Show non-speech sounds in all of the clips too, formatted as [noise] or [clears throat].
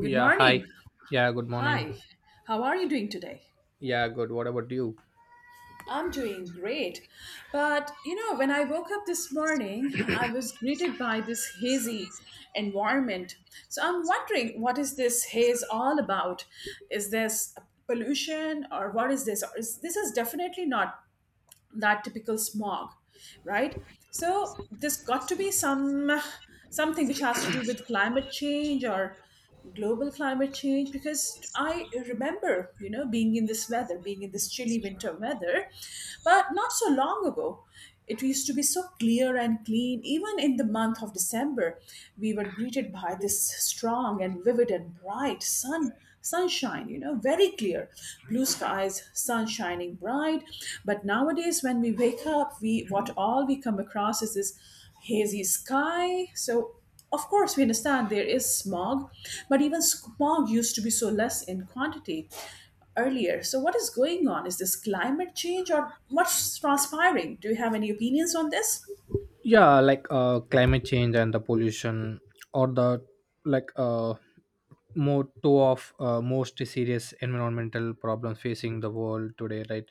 Good Yeah, hi. morning. Yeah, good morning. Hi. How are you doing today? Yeah, good. What about you? I'm doing great. But you know, when I woke up this morning, I was greeted by this hazy environment. So I'm wondering, what is this haze all about? Is this pollution, or what is this? Or this is definitely not that typical smog, right? So there's got to be some something which has to do with climate change or global climate change, because I remember, you know, being in this weather, being in this chilly winter weather, but not so long ago it used to be so clear and clean. Even in the month of December, we were greeted by this strong and vivid and bright sunshine, you know, very clear blue skies, sun shining bright. But nowadays when we wake up, we what all we come across is this hazy sky. So of course we understand there is smog, but even smog used to be so less in quantity earlier. So what is going on? Is this climate change, or what's transpiring? Do you have any opinions on this? Yeah, like climate change and the pollution or the like more two of most serious environmental problems facing the world today, right.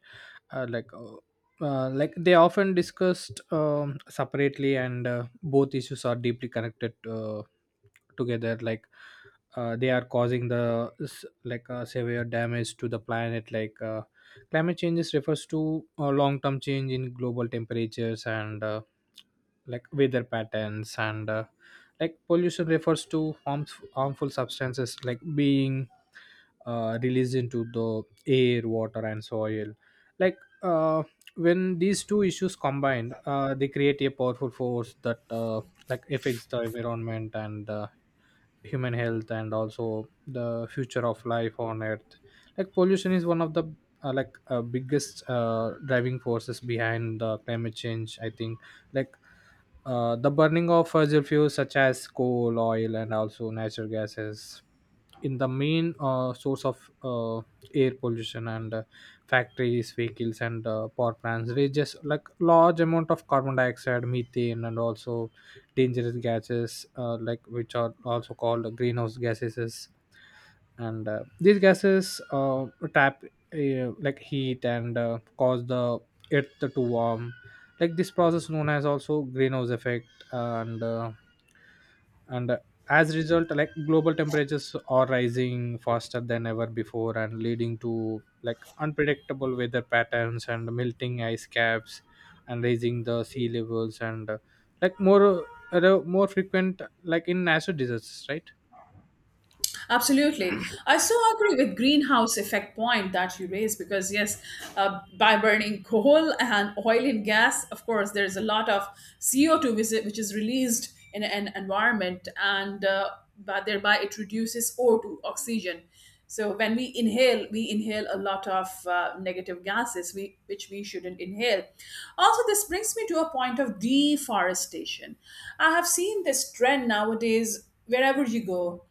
Like like they often discussed separately, and both issues are deeply connected together. Like they are causing the like severe damage to the planet. Like climate changes refers to long term change in global temperatures and like weather patterns, and like pollution refers to harmful substances, like being released into the air, water and soil. Like uh, when these two issues combined, they create a powerful force that like affects the environment and human health, and also the future of life on earth. Like pollution is one of the like biggest driving forces behind the climate change, I think. Like the burning of fossil fuels such as coal, oil, and also natural gas is in the main source of air pollution. And factories, vehicles, and power plants releases like large amount of carbon dioxide, methane, and also dangerous gases like, which are also called greenhouse gases. And these gases trap like heat, and cause the earth to warm. Like this process known as also greenhouse effect. And as a result, like global temperatures are rising faster than ever before and leading to like unpredictable weather patterns and melting ice caps and raising the sea levels, and like more more frequent like in natural disasters, right. Absolutely. I so agree with greenhouse effect point that you raised, because yes, by burning [laughs] coal and oil and gas, of course, there's a lot of CO2 which is released in an environment, and but thereby it reduces O2 oxygen. So when we inhale a lot of negative which we shouldn't inhale. Also, this brings me to a point of deforestation. I have seen this trend nowadays. Wherever you go,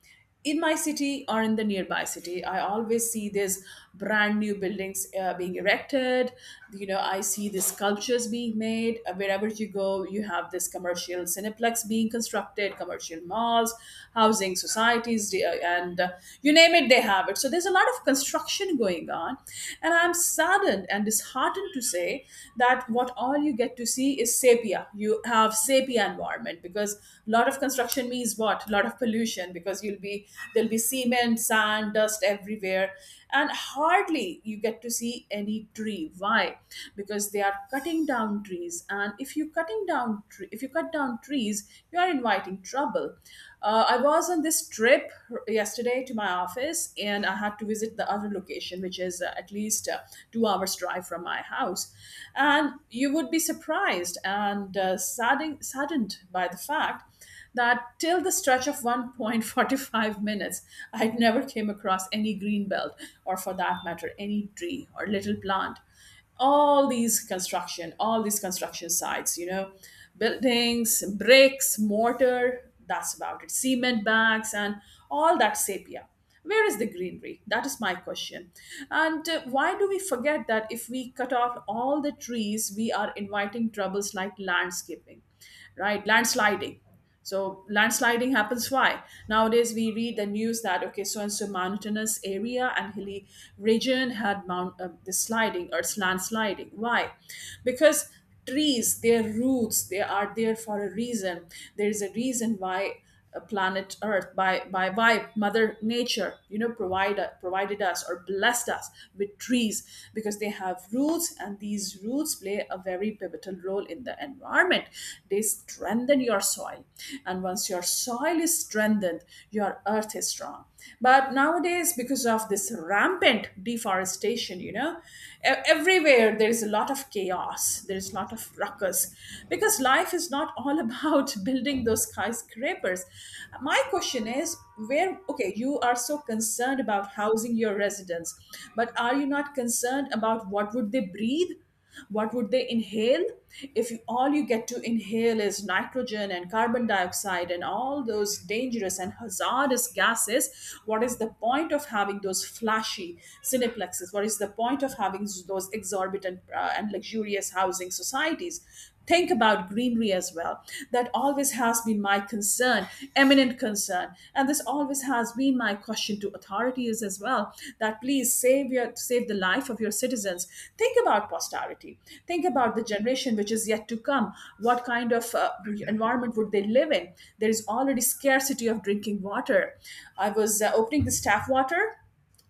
in my city or in the nearby city, I always see these brand new buildings being erected. You know, I see these sculptures being made. Wherever you go, you have this commercial cineplex being constructed, commercial malls, housing societies, and you name it, they have it. So there's a lot of construction going on, and I'm saddened and disheartened to say that what all you get to see is sepia. You have sepia environment, because a lot of construction means what? A lot of pollution, because you'll be there'll be cement, sand, dust everywhere, and hardly you get to see any tree. Why? Because they are cutting down trees, and if you cutting down tre- if you cut down trees, you are inviting trouble. I was on this trip yesterday to my office, and I had to visit the other location, which is at least 2 hours drive from my house. And you would be surprised and saddened by the fact that till the stretch of 1.45 [laughs] minutes, I never came across any green belt or, for that matter, any tree or little plant. All these construction sites, you know, buildings, bricks, mortar, that's about it, cement bags, and all that sepia. Where is the greenery? That is my question. And why do we forget that if we cut off all the trees, we are inviting troubles like landscaping, right? Landsliding. So landsliding happens why? Nowadays we read the news that okay, so and so mountainous area and hilly region had mount the sliding, or it's landsliding. Why? Because trees, their roots, they are there for a reason. There is a reason why planet Earth, by Mother Nature, you know, provided us or blessed us with trees, because they have roots, and these roots play a very pivotal role in the environment. They strengthen your soil, and once your soil is strengthened, your earth is strong. But nowadays, because of this rampant deforestation, you know, everywhere there is a lot of chaos, there is a lot of ruckus, because life is not all [laughs] about building those skyscrapers. My question is, where? Okay, you are so concerned about housing your residents, but are you not concerned about what would they breathe, what would they inhale? If you, all you get to inhale is nitrogen and carbon dioxide and all those dangerous and hazardous gases. What is the point of having those flashy cineplexes? What is the point of having those exorbitant and luxurious housing societies? Think about greenery as well. That always has been my concern, eminent concern, and this always has been my question to authorities as well, that please save the life of your citizens. Think about posterity. Think about the generation which is yet to come. What kind of environment would they live in? There is already scarcity of drinking water. I was opening the tap water,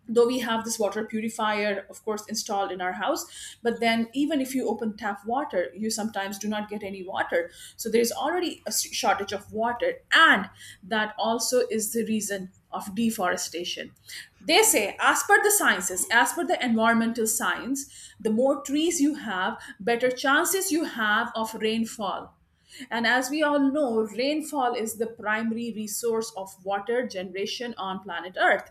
though we have this water purifier, of course, installed in our house. But then even if you open tap water, you sometimes do not get any water. So there is already a shortage of water, and that also is the reason of deforestation. They say, as per the sciences, as per the environmental science, the more trees you have, better chances you have of rainfall. And as we all know, rainfall is the primary resource of water generation on planet Earth.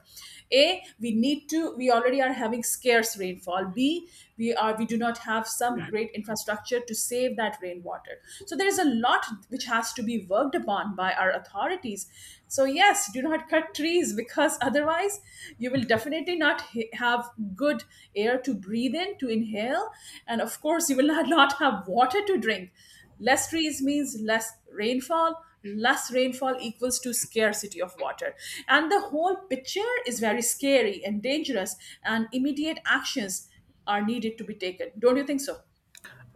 A, we already are having scarce rainfall. B, we do not have some great infrastructure to save that rainwater. So there is a lot which has to be worked upon by our authorities. So yes, do not cut trees, because otherwise you will definitely not ha- have good air to breathe in, to inhale, and of course you will [laughs] not have water to drink. Less trees means less rainfall, less rainfall equals to scarcity of water, and the whole picture is very scary and dangerous, and immediate actions are needed to be taken. Don't you think so?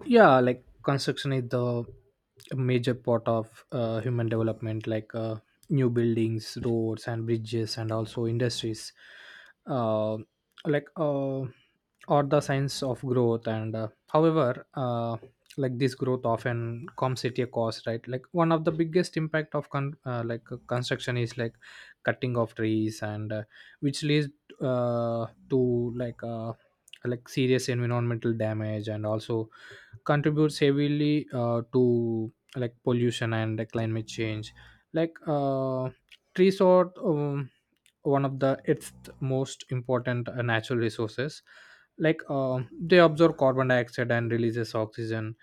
yeah like construction is the major part of human development. Like new buildings, roads and bridges, and also industries uh, like are the signs of growth. And however, like this growth often comes at a cost, right. Like one of the biggest impact of like construction is like cutting of trees, and which leads to like serious environmental damage, and also contributes heavily to like pollution and climate change. Like trees are one of the its most important natural resources. Like they absorb carbon dioxide and releases oxygen,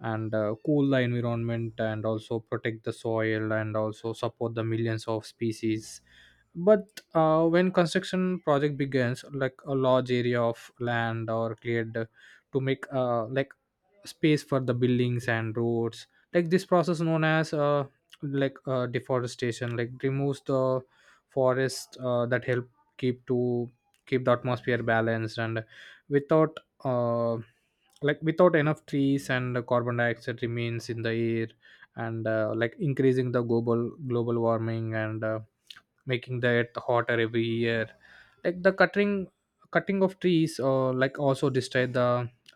and cool the environment, and also protect the soil, and also support the millions of species. But when construction project begins, like a large area of land or cleared to make like space for the buildings and roads. Like this process known as like deforestation, like removes the forest that help keep to keep the atmosphere balanced. And without uh, like without enough trees, and the carbon dioxide remains in the air, and like increasing the global warming, and making the earth hotter every year. Like the cutting of trees like also destroy the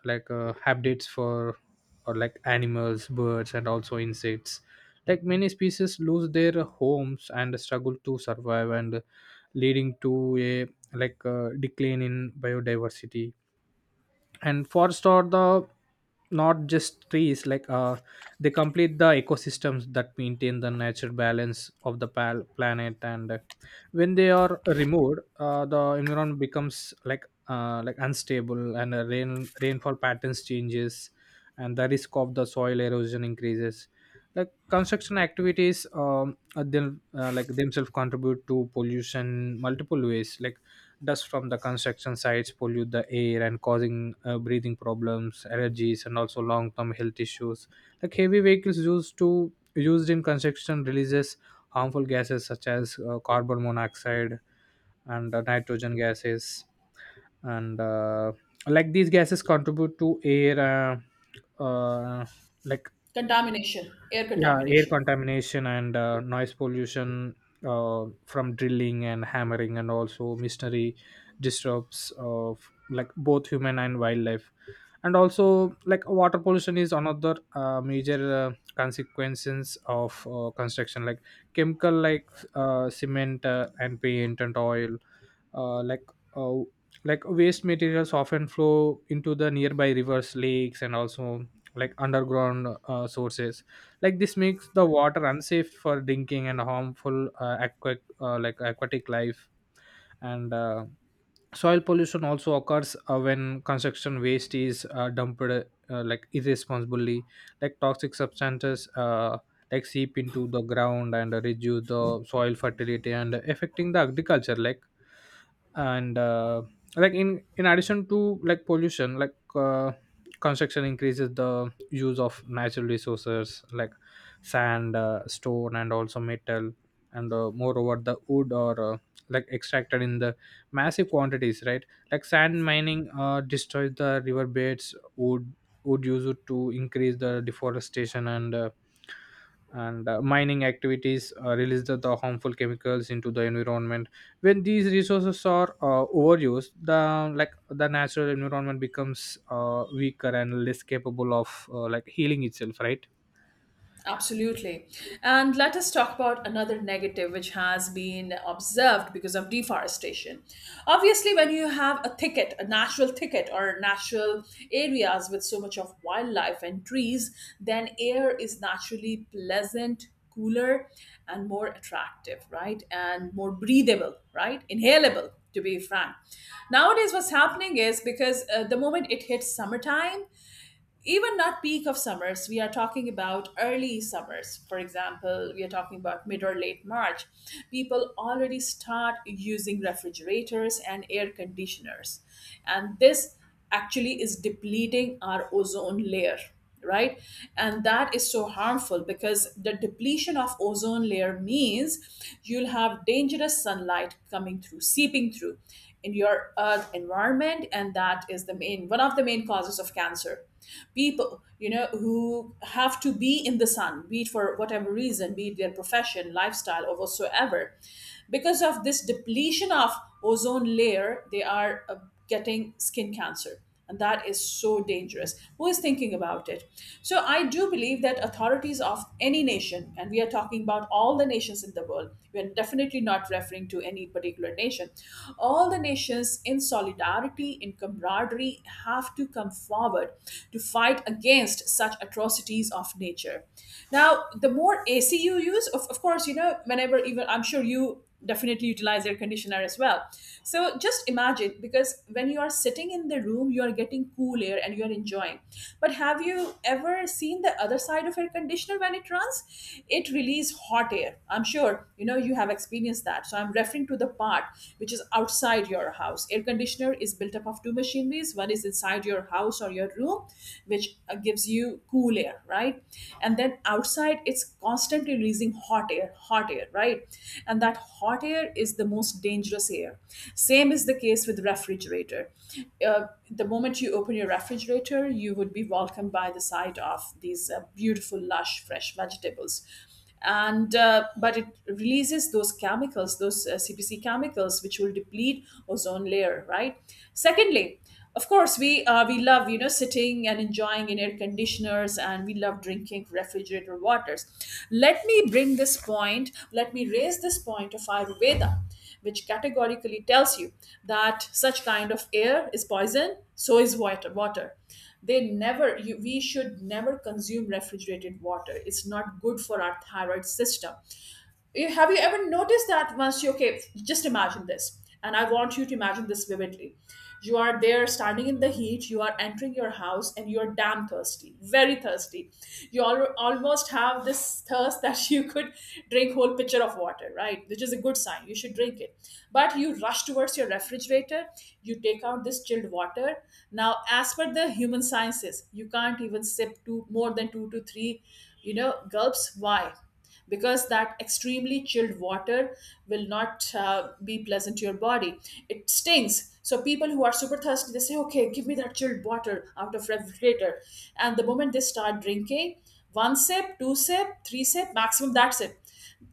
like habitats for or like animals, birds, and also insects. Like many species lose their homes and struggle to survive, and leading to a like decline in biodiversity. And forests are the not just trees, like they complete the ecosystems that maintain the natural balance of the planet. And when they are removed, the environment becomes like unstable, and rainfall patterns changes, and the risk of the soil erosion increases. Like construction activities like themselves contribute to pollution multiple ways. Like dust from the construction sites pollute the air and causing breathing problems, allergies, and also long-term health issues. Like heavy vehicles used in construction releases harmful gases such as carbon monoxide and nitrogen gases. And like these gases contribute to air uh, uh, like. Contamination, air Yeah, air contamination. contamination and noise pollution from drilling and hammering, and also machinery disturbs of like both human and wildlife. And also like water pollution is another major consequences of construction. Like chemical like cement and paint and oil uh, like uh, like waste materials often flow into the nearby rivers, lakes, and also like underground sources. Like this makes the water unsafe for drinking and harmful like aquatic life. And soil pollution also occurs when construction waste is dumped like irresponsibly. Like toxic substances like seep into the ground and reduce the soil fertility and affecting the agriculture, like. And like in addition to like pollution, like construction increases the use of natural resources like sand, stone, and also metal. And moreover, the wood or like extracted in the massive quantities, right. Like sand mining destroys the river beds. Wood would use it to increase the deforestation, and and mining activities release the harmful chemicals into the environment. When these resources are overused, the like the natural environment becomes weaker and less capable of like healing itself, right. Absolutely. And let us talk about another negative which has been observed because of deforestation. Obviously, when you have a thicket, a natural thicket, or natural areas with so much of wildlife and trees, then air is naturally pleasant, cooler, and more attractive, right? And more breathable, right? Inhalable, to be frank. Nowadays, what's happening is, because the moment it hits summertime, even not peak of summers, we are talking about early summers. For example, we are talking about mid or late March, people already start using refrigerators and air conditioners, and this actually is depleting our ozone layer, right? And that is so harmful, because the depletion of ozone layer means you'll have dangerous sunlight coming through, seeping through in your earth environment, and that is the main one of the main causes of cancer. People, you know, who have to be in the sun, be it for whatever reason, be it their profession, lifestyle, or whatsoever, because of this depletion of ozone layer, they are getting skin cancer, and that is so dangerous. Who is thinking about it? So I do believe that authorities of any nation, and we are talking about all the nations in the world, we are definitely not referring to any particular nation, all the nations in solidarity, in camaraderie, have to come forward to fight against such atrocities of nature. Now, the more AC you use, of course, you know, whenever, even I'm sure you definitely utilize air conditioner as well. So just imagine, because when you are sitting in the room, you are getting cool air and you are enjoying. But have you ever seen the other side of air conditioner when it runs? It releases hot air. I'm sure you know, you have experienced that. So I'm referring to the part which is outside your house. Air conditioner is built up of two machineries. One is inside your house or your room, which gives you cool air, right? And then outside, it's constantly releasing hot air, right? And that hot air is the most dangerous air. Same is the case with refrigerator. uh, the moment you open your refrigerator, you would be welcomed by the sight of these beautiful lush fresh vegetables, and but it releases those chemicals, those CPC chemicals, which will deplete ozone layer, right? Secondly, of course, we love, you know, sitting and enjoying in air conditioners, and we love drinking refrigerator waters. Let me bring this point, let me raise this point of Ayurveda, which categorically tells you that such kind of air is poison, so is water. Water. They never. We should never consume refrigerated water. It's not good for our thyroid system. Have you ever noticed that? Once you Okay, just imagine this. And I want you to imagine this vividly. You are there standing in the heat, you are entering your house, and you're damn thirsty, very thirsty. You almost have this thirst that [laughs] you could drink whole pitcher of water, right? Which is a good sign, you should drink it. But you rush towards your refrigerator, you take out this chilled water. Now, as per the human sciences, you can't even sip two more than two to three, gulps. Why? Because that extremely chilled water will not be pleasant to your body. It stings. So people who are super thirsty, they say, "Okay, give me that chilled water out of refrigerator." And the moment they start drinking, one sip, two sip, three sip, maximum that sip,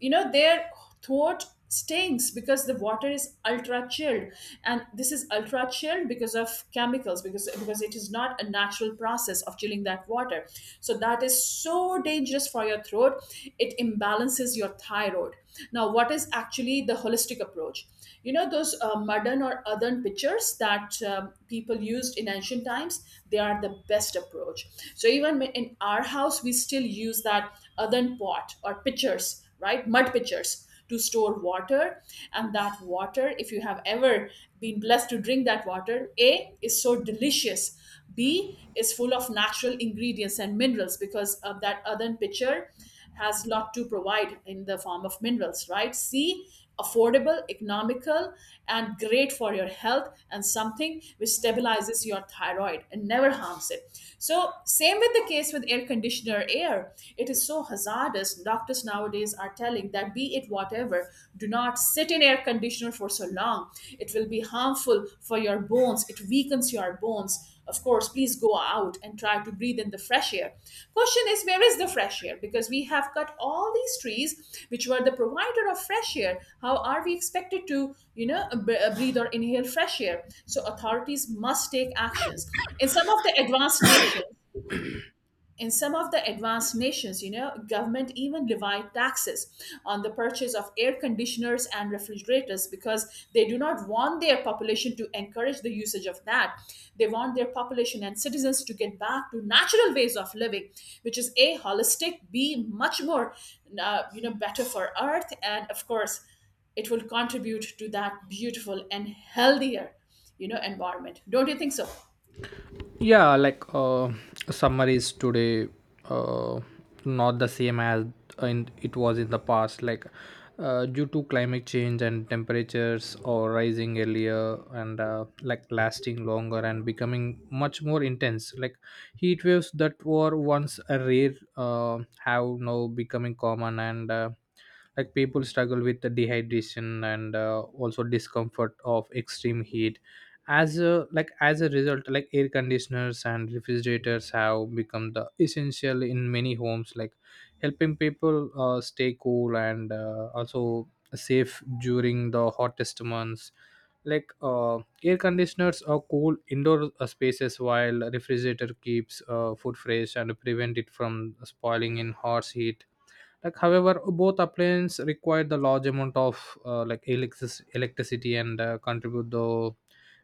their throat stinks because the water is ultra chilled, and this is ultra chilled because of chemicals, because it is not a natural process of chilling that water. So that is so dangerous for your throat, it imbalances your thyroid. Now, what is actually the holistic approach? You know those modern or earthen pitchers that people used in ancient times. They are the best approach. So even in our house, we still use that earthen pot or pitchers, right? Mud pitchers to store water. And that water, if you have ever been blessed to drink that water, a, is so delicious, b, is full of natural ingredients and minerals, because of that earthen pitcher has a lot to provide in the form of minerals, right? c, affordable, economical, and great for your health, and something which stabilizes your thyroid and never harms it. So same with the case with air conditioner air, it is so hazardous. Doctors nowadays are telling that, be it whatever, do not sit in air conditioner for so long. Harm It will be harmful for your bones, it weakens your bones. Of course, please go out and try to breathe in the fresh air. Question is, where is the fresh air? Because we have cut all these trees, which were the provider of fresh air. How are we expected to breathe or inhale fresh air? So authorities must take actions. In some of the advanced nations, in some of the advanced nations, government even levy taxes on the purchase of air conditioners and refrigerators, because they do not want their population to encourage the usage of that. They want their population and citizens to get back to natural ways of living, which is a, holistic, b, much more, better for earth. And of course, it will contribute to that beautiful and healthier environment. Don't you think so? yeah like summer is today uh, not the same as it was in the past. Like due to climate change, and temperatures are rising earlier, and like lasting longer and becoming much more intense. Like heat waves that were once a rare have now becoming common. And like people struggle with the dehydration, and also discomfort of extreme heat. As a like as a result, like air conditioners and refrigerators have become the essential in many homes, like helping people stay cool, and also safe during the hottest months. Like air conditioners are cool indoor spaces, while refrigerator keeps food fresh and prevent it from spoiling in harsh heat. Like however both appliances require the large amount of like electricity and contribute the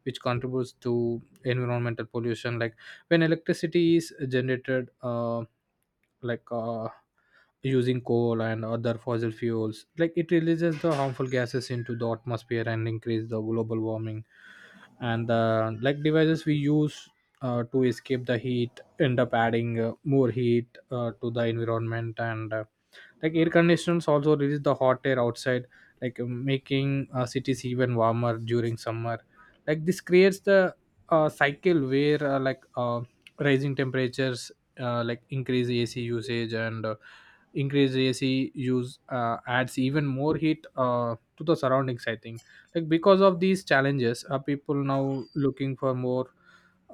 which contributes to environmental pollution. Like when electricity is generated like using coal and other fossil fuels, like it releases the harmful gases into the atmosphere and increase the global warming. And like devices we use to escape the heat end up adding more heat to the environment. And like air conditioners also release the hot air outside, like making cities even warmer during summer. Like this creates the cycle where like rising temperatures like increase AC usage, and increase AC use adds even more heat to the surroundings, I think. Like because of these challenges are people now looking for more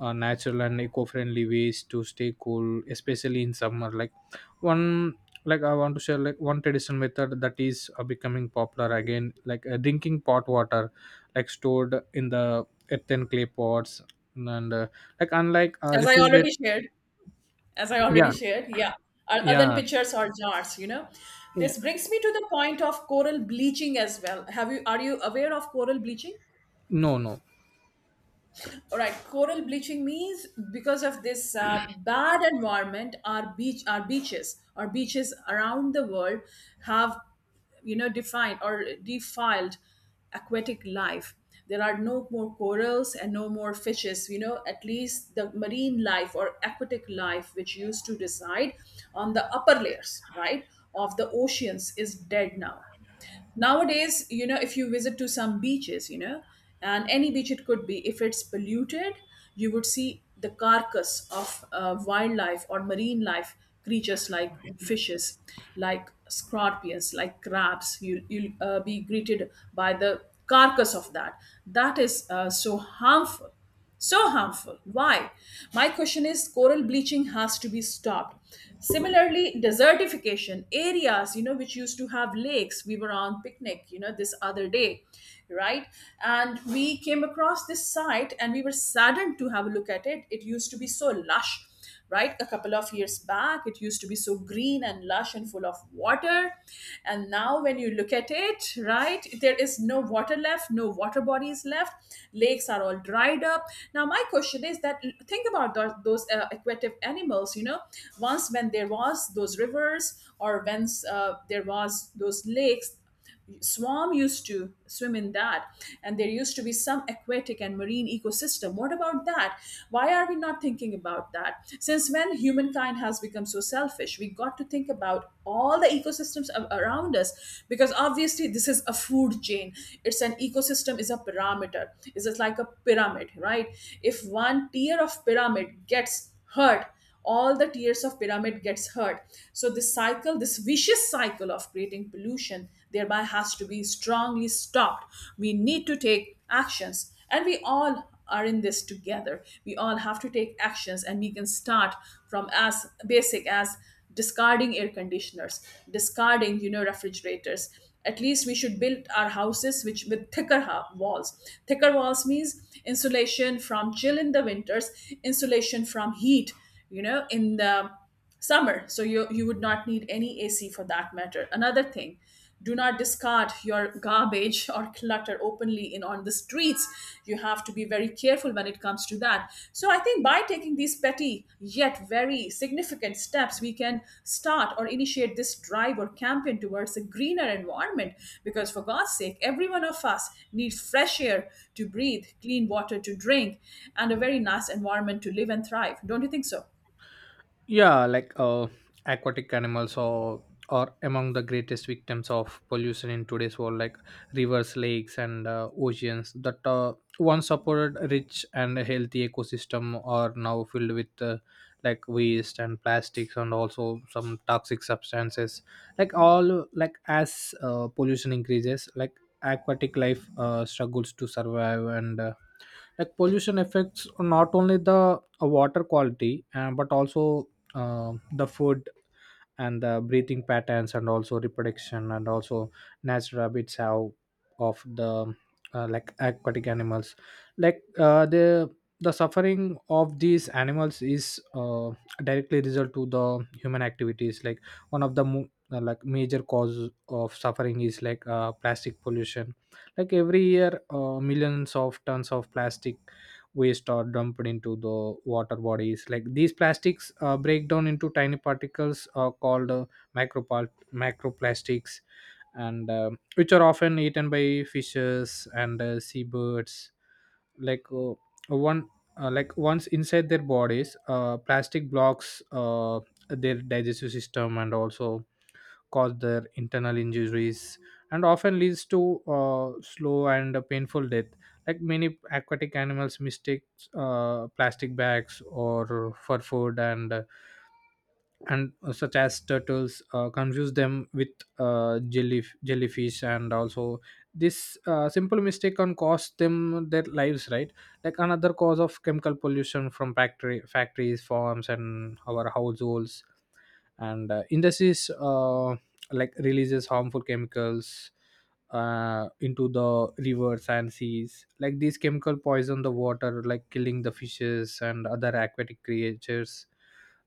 natural and eco-friendly ways to stay cool, especially in summer. Like one like I want to share like one traditional method that is becoming popular again, like drinking pot water like stored in the earthen clay pots, and like unlike As I refrigerator. already shared, as I Yeah. already shared. Yeah. Other than Yeah. pitchers or jars, you know. Yeah. This brings me to the point of coral bleaching as well. Have you Are you aware of coral bleaching? No, no. All right, coral bleaching means because of this bad environment, our beaches around the world have, defined or defiled aquatic life. There are no more corals and no more fishes. At least the marine life or aquatic life, which used to reside on the upper layers, right, of the oceans, is dead now. Nowadays, if you visit to some beaches, and any beach, it could be, if it's polluted, you would see the carcass of wildlife or marine life creatures, like fishes, like scorpions, like crabs, you'll be greeted by the carcass of that. That is so harmful, so harmful. Why? My question is coral bleaching has to be stopped. Similarly, desertification areas, which used to have lakes. We were on picnic, this other day, right? And we came across this site, and we were saddened to have a look at it. It used to be so lush, right? A couple of years back, it used to be so green and lush and full of water. And now, when you look at it, right, there is no water left, no water bodies left. Lakes are all dried up. Now, my question is that, think about those aquatic animals, once when there was those rivers, or once there was those lakes, swarm used to swim in that, and there used to be some aquatic and marine ecosystem. What about that? Why are we not thinking about that? Since when humankind has become so selfish? We got to think about all the ecosystems around us, because obviously this is a food chain. It's an ecosystem, is a parameter, is it like a pyramid, right? If one tier of pyramid gets hurt, all the tiers of pyramid gets hurt. So this cycle, this vicious cycle of creating pollution thereby has to be strongly stopped. We need to take actions, and we all are in this together. We all have to take actions, and we can start from as basic as discarding air conditioners, discarding refrigerators. At least we should build our houses which with thicker walls. Thicker walls means insulation from chill in the winters, insulation from heat, in the summer, so you would not need any AC for that matter. Another thing, do not discard your garbage or clutter openly in on the streets. You have to be very careful when it comes to that. So I think by taking these petty yet very significant steps, we can start or initiate this drive or campaign towards a greener environment, because for god's sake every one of us needs fresh air to breathe, clean water to drink, and a very nice environment to live and thrive. Don't you think so? yeah like aquatic animals or are among the greatest victims of pollution in today's world. Like rivers, lakes and oceans that once supported rich and healthy ecosystem are now filled with like waste and plastics, and also some toxic substances. Like all like as pollution increases, like aquatic life struggles to survive. And like pollution affects not only the water quality but also the food and the breathing patterns, and also reproduction, and also natural habits have of the like aquatic animals. Like the suffering of these animals is directly result to the human activities. Like one of the like major cause of suffering is like plastic pollution. Like every year millions of tons of plastic waste are dumped into the water bodies. Like these plastics break down into tiny particles called macroplastics, and which are often eaten by fishes and seabirds. Like one like once inside their bodies, plastic blocks their digestive system, and also cause their internal injuries and often leads to slow and painful death. Like many aquatic animals mistakes plastic bags or for food, and such as turtles confuse them with jellyfish, and also this simple mistake can cost them their lives, right. Like another cause of chemical pollution from factory factories, farms and our households and industries like releases harmful chemicals into the rivers and seas. Like these chemical poison the water, like killing the fishes and other aquatic creatures.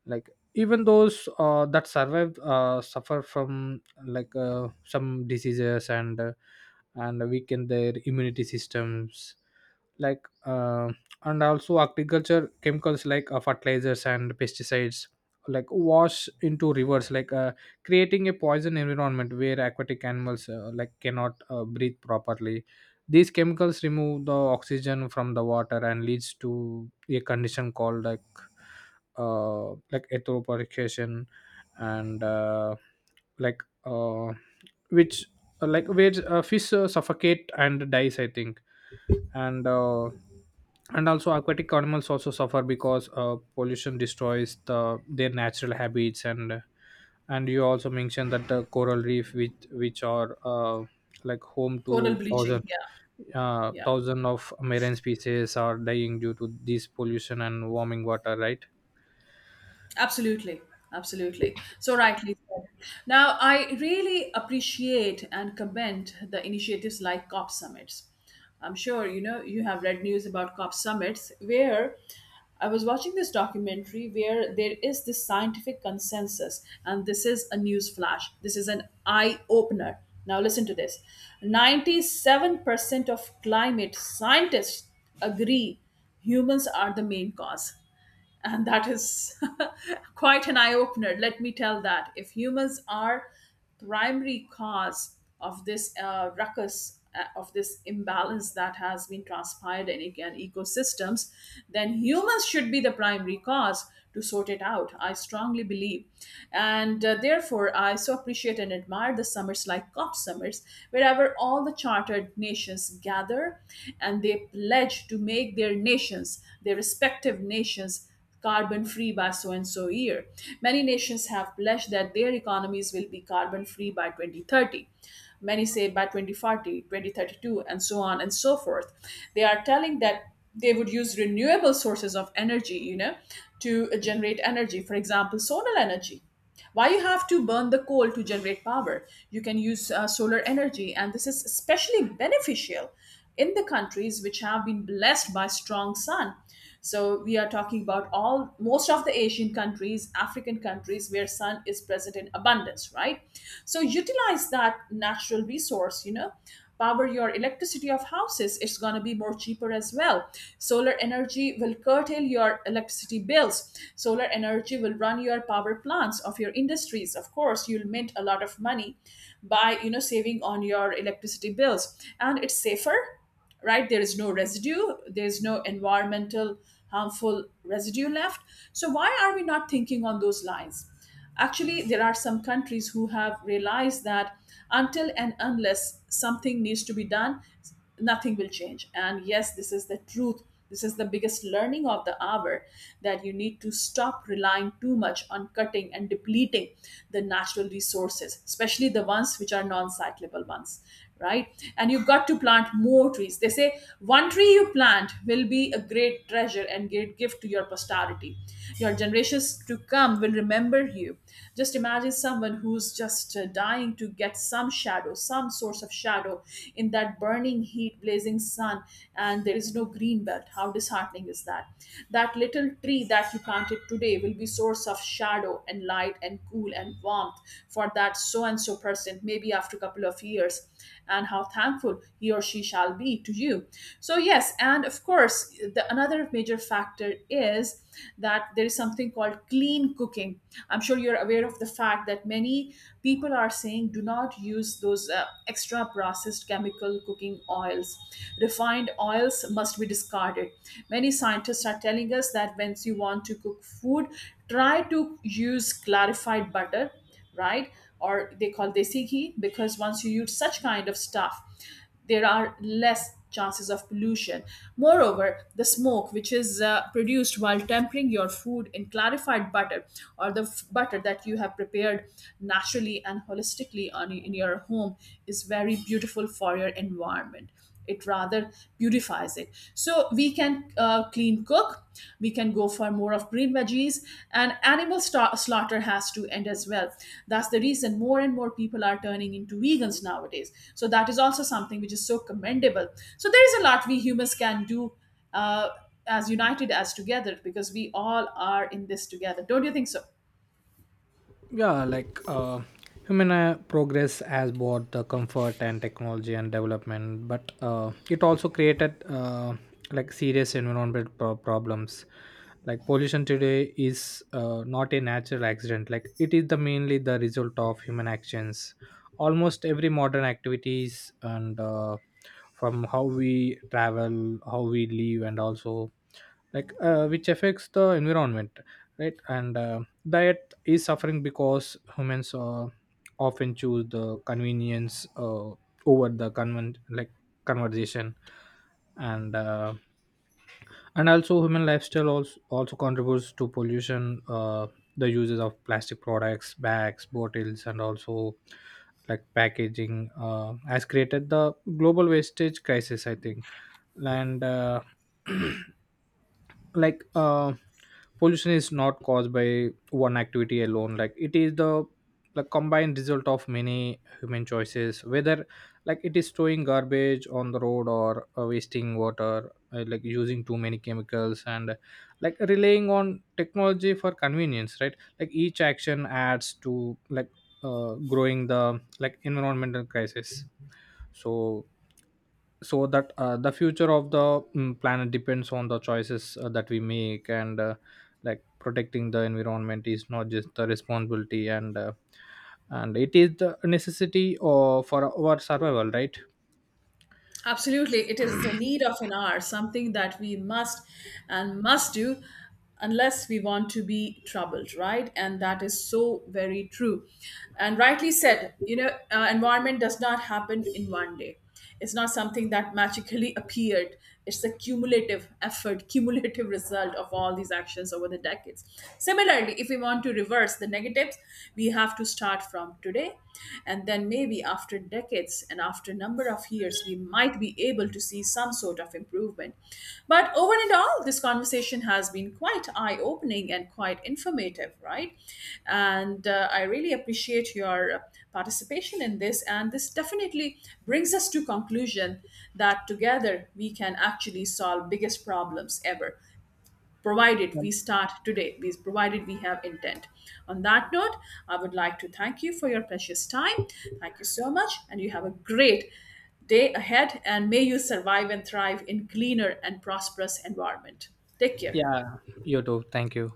Like even those that survived suffer from like some diseases, and weaken their immunity systems. Like and also agriculture chemicals like fertilizers and pesticides like wash into rivers like creating a poison environment where aquatic animals like cannot breathe properly. These chemicals remove the oxygen from the water and leads to a condition called like eutrophication. And like which like where fish suffocate and dies, I think. And uh, and also aquatic animals also suffer because pollution destroys the their natural habits. And you also mentioned that the coral reef, which are like home Coral to bleaching, thousand yeah. Yeah. thousand of marine species are dying due to this pollution and warming water, right. Absolutely, absolutely. So rightly said. Now, I really appreciate and commend the initiatives like COP summits. I'm sure you know you have read news about COP summits, where I was watching this documentary where there is this scientific consensus, and this is a news flash. This is an eye opener. Now, listen to this. 97% of climate scientists agree humans are the main cause. And that is [laughs] quite an eye opener, let me tell that if humans are primary cause of this ruckus, of this imbalance that has been transpired in again ecosystems, then humans should be the primary cause to sort it out, I strongly believe. And therefore I so appreciate and admire the summers like COP summers, wherever all the chartered nations gather, and they pledge to make their nations, their respective nations, carbon free by so and so year. Many nations have pledged that their economies will be carbon free by 2030. Many say by 2040, 2032, and so on and so forth. They are telling that they would use renewable sources of energy, to generate energy. For example, solar energy. Why you have to burn the coal to generate power? You can use solar energy, and this is especially beneficial in the countries which have been blessed by strong sun. So we are talking about all most of the Asian countries, African countries, where sun is present in abundance, right? So utilize that natural resource, power your electricity of houses. It's going to be more cheaper as well. Solar energy will curtail your electricity bills, solar energy will run your power plants of your industries. Of course, you'll mint a lot of money by saving on your electricity bills, and it's safer, right? There is no residue, there's no environmental harmful residue left. So why are we not thinking on those lines? Actually, there are some countries who have realized that until and unless something needs to be done, nothing will change. And yes, this is the truth, this is the biggest learning of the hour, that you need to stop relying too much on cutting and depleting the natural resources, especially the ones which are non-cyclable ones, right? And you've got to plant more trees, they say one tree you plant will be a great treasure and great gift to your posterity. Your generations to come will remember you. Just imagine someone who's just dying to get some shadow, some source of shadow in that burning heat, blazing sun, and there is no green belt. How disheartening is that? That little tree that you planted today will be source of shadow and light and cool and warmth for that so and so person, maybe after a couple of years. And how thankful he or she shall be to you. So yes, and of course, the another major factor is that there is something called clean cooking. I'm sure you're aware of the fact that many people are saying do not use those extra processed chemical cooking oils. Refined oils must be discarded. Many scientists are telling us that once you want to cook food, try to use clarified butter, right? Or they call desi ghee, because once you use such kind of stuff, there are less chances of pollution. Moreover, the smoke which is produced while tempering your food in clarified butter, or the butter that you have prepared naturally and holistically in your home, is very beautiful for your environment. It rather purifies it. So we can clean cook, we can go for more of green veggies, and animal slaughter has to end as well. That's the reason more and more people are turning into vegans nowadays, so that is also something which is so commendable. So there is a lot we humans can do, uh, as united, as together, because we all are in this together. Don't you think so? yeah like human progress has brought the comfort and technology and development, but it also created like serious environmental problems. Like pollution today is not a natural accident. Like it is the mainly the result of human actions. Almost every modern activities, and from how we travel, how we live, and also like which affects the environment, right. And diet is suffering because humans often choose the convenience over the convent like conversation. And uh, and also human lifestyle also contributes to pollution. The uses of plastic products, bags, bottles, and also like packaging has created the global wastage crisis, I think. And [clears throat] like pollution is not caused by one activity alone. Like it is the combined result of many human choices, whether like it is throwing garbage on the road or wasting water like using too many chemicals, and like relying on technology for convenience, right. Like each action adds to like growing the like environmental crisis. So so that the future of the planet depends on the choices that we make. And like protecting the environment is not just the responsibility, and it is the necessity or for our survival, right. Absolutely, it is the need of an hour, something that we must and must do unless we want to be troubled, right? And that is so very true. And rightly said, environment does not happen in one day. It's not something that magically appeared. It's the cumulative effort, [laughs] cumulative result of all these actions over the decades. Similarly, if we want to reverse the negatives, we have to start from today, and then maybe after decades and after number of years we might be able to see some sort of improvement. But over and all, this conversation has been quite eye opening and quite informative, right? And I really appreciate your participation in this, and this definitely brings us to conclusion that together we can actually solve biggest problems ever, provided yeah we start today, we provided we have intent. On that note, I would like to thank you for your precious time. Thank you so much, and you have a great day ahead, and may you survive and thrive in cleaner and prosperous environment. Take care. Yeah, you too, thank you.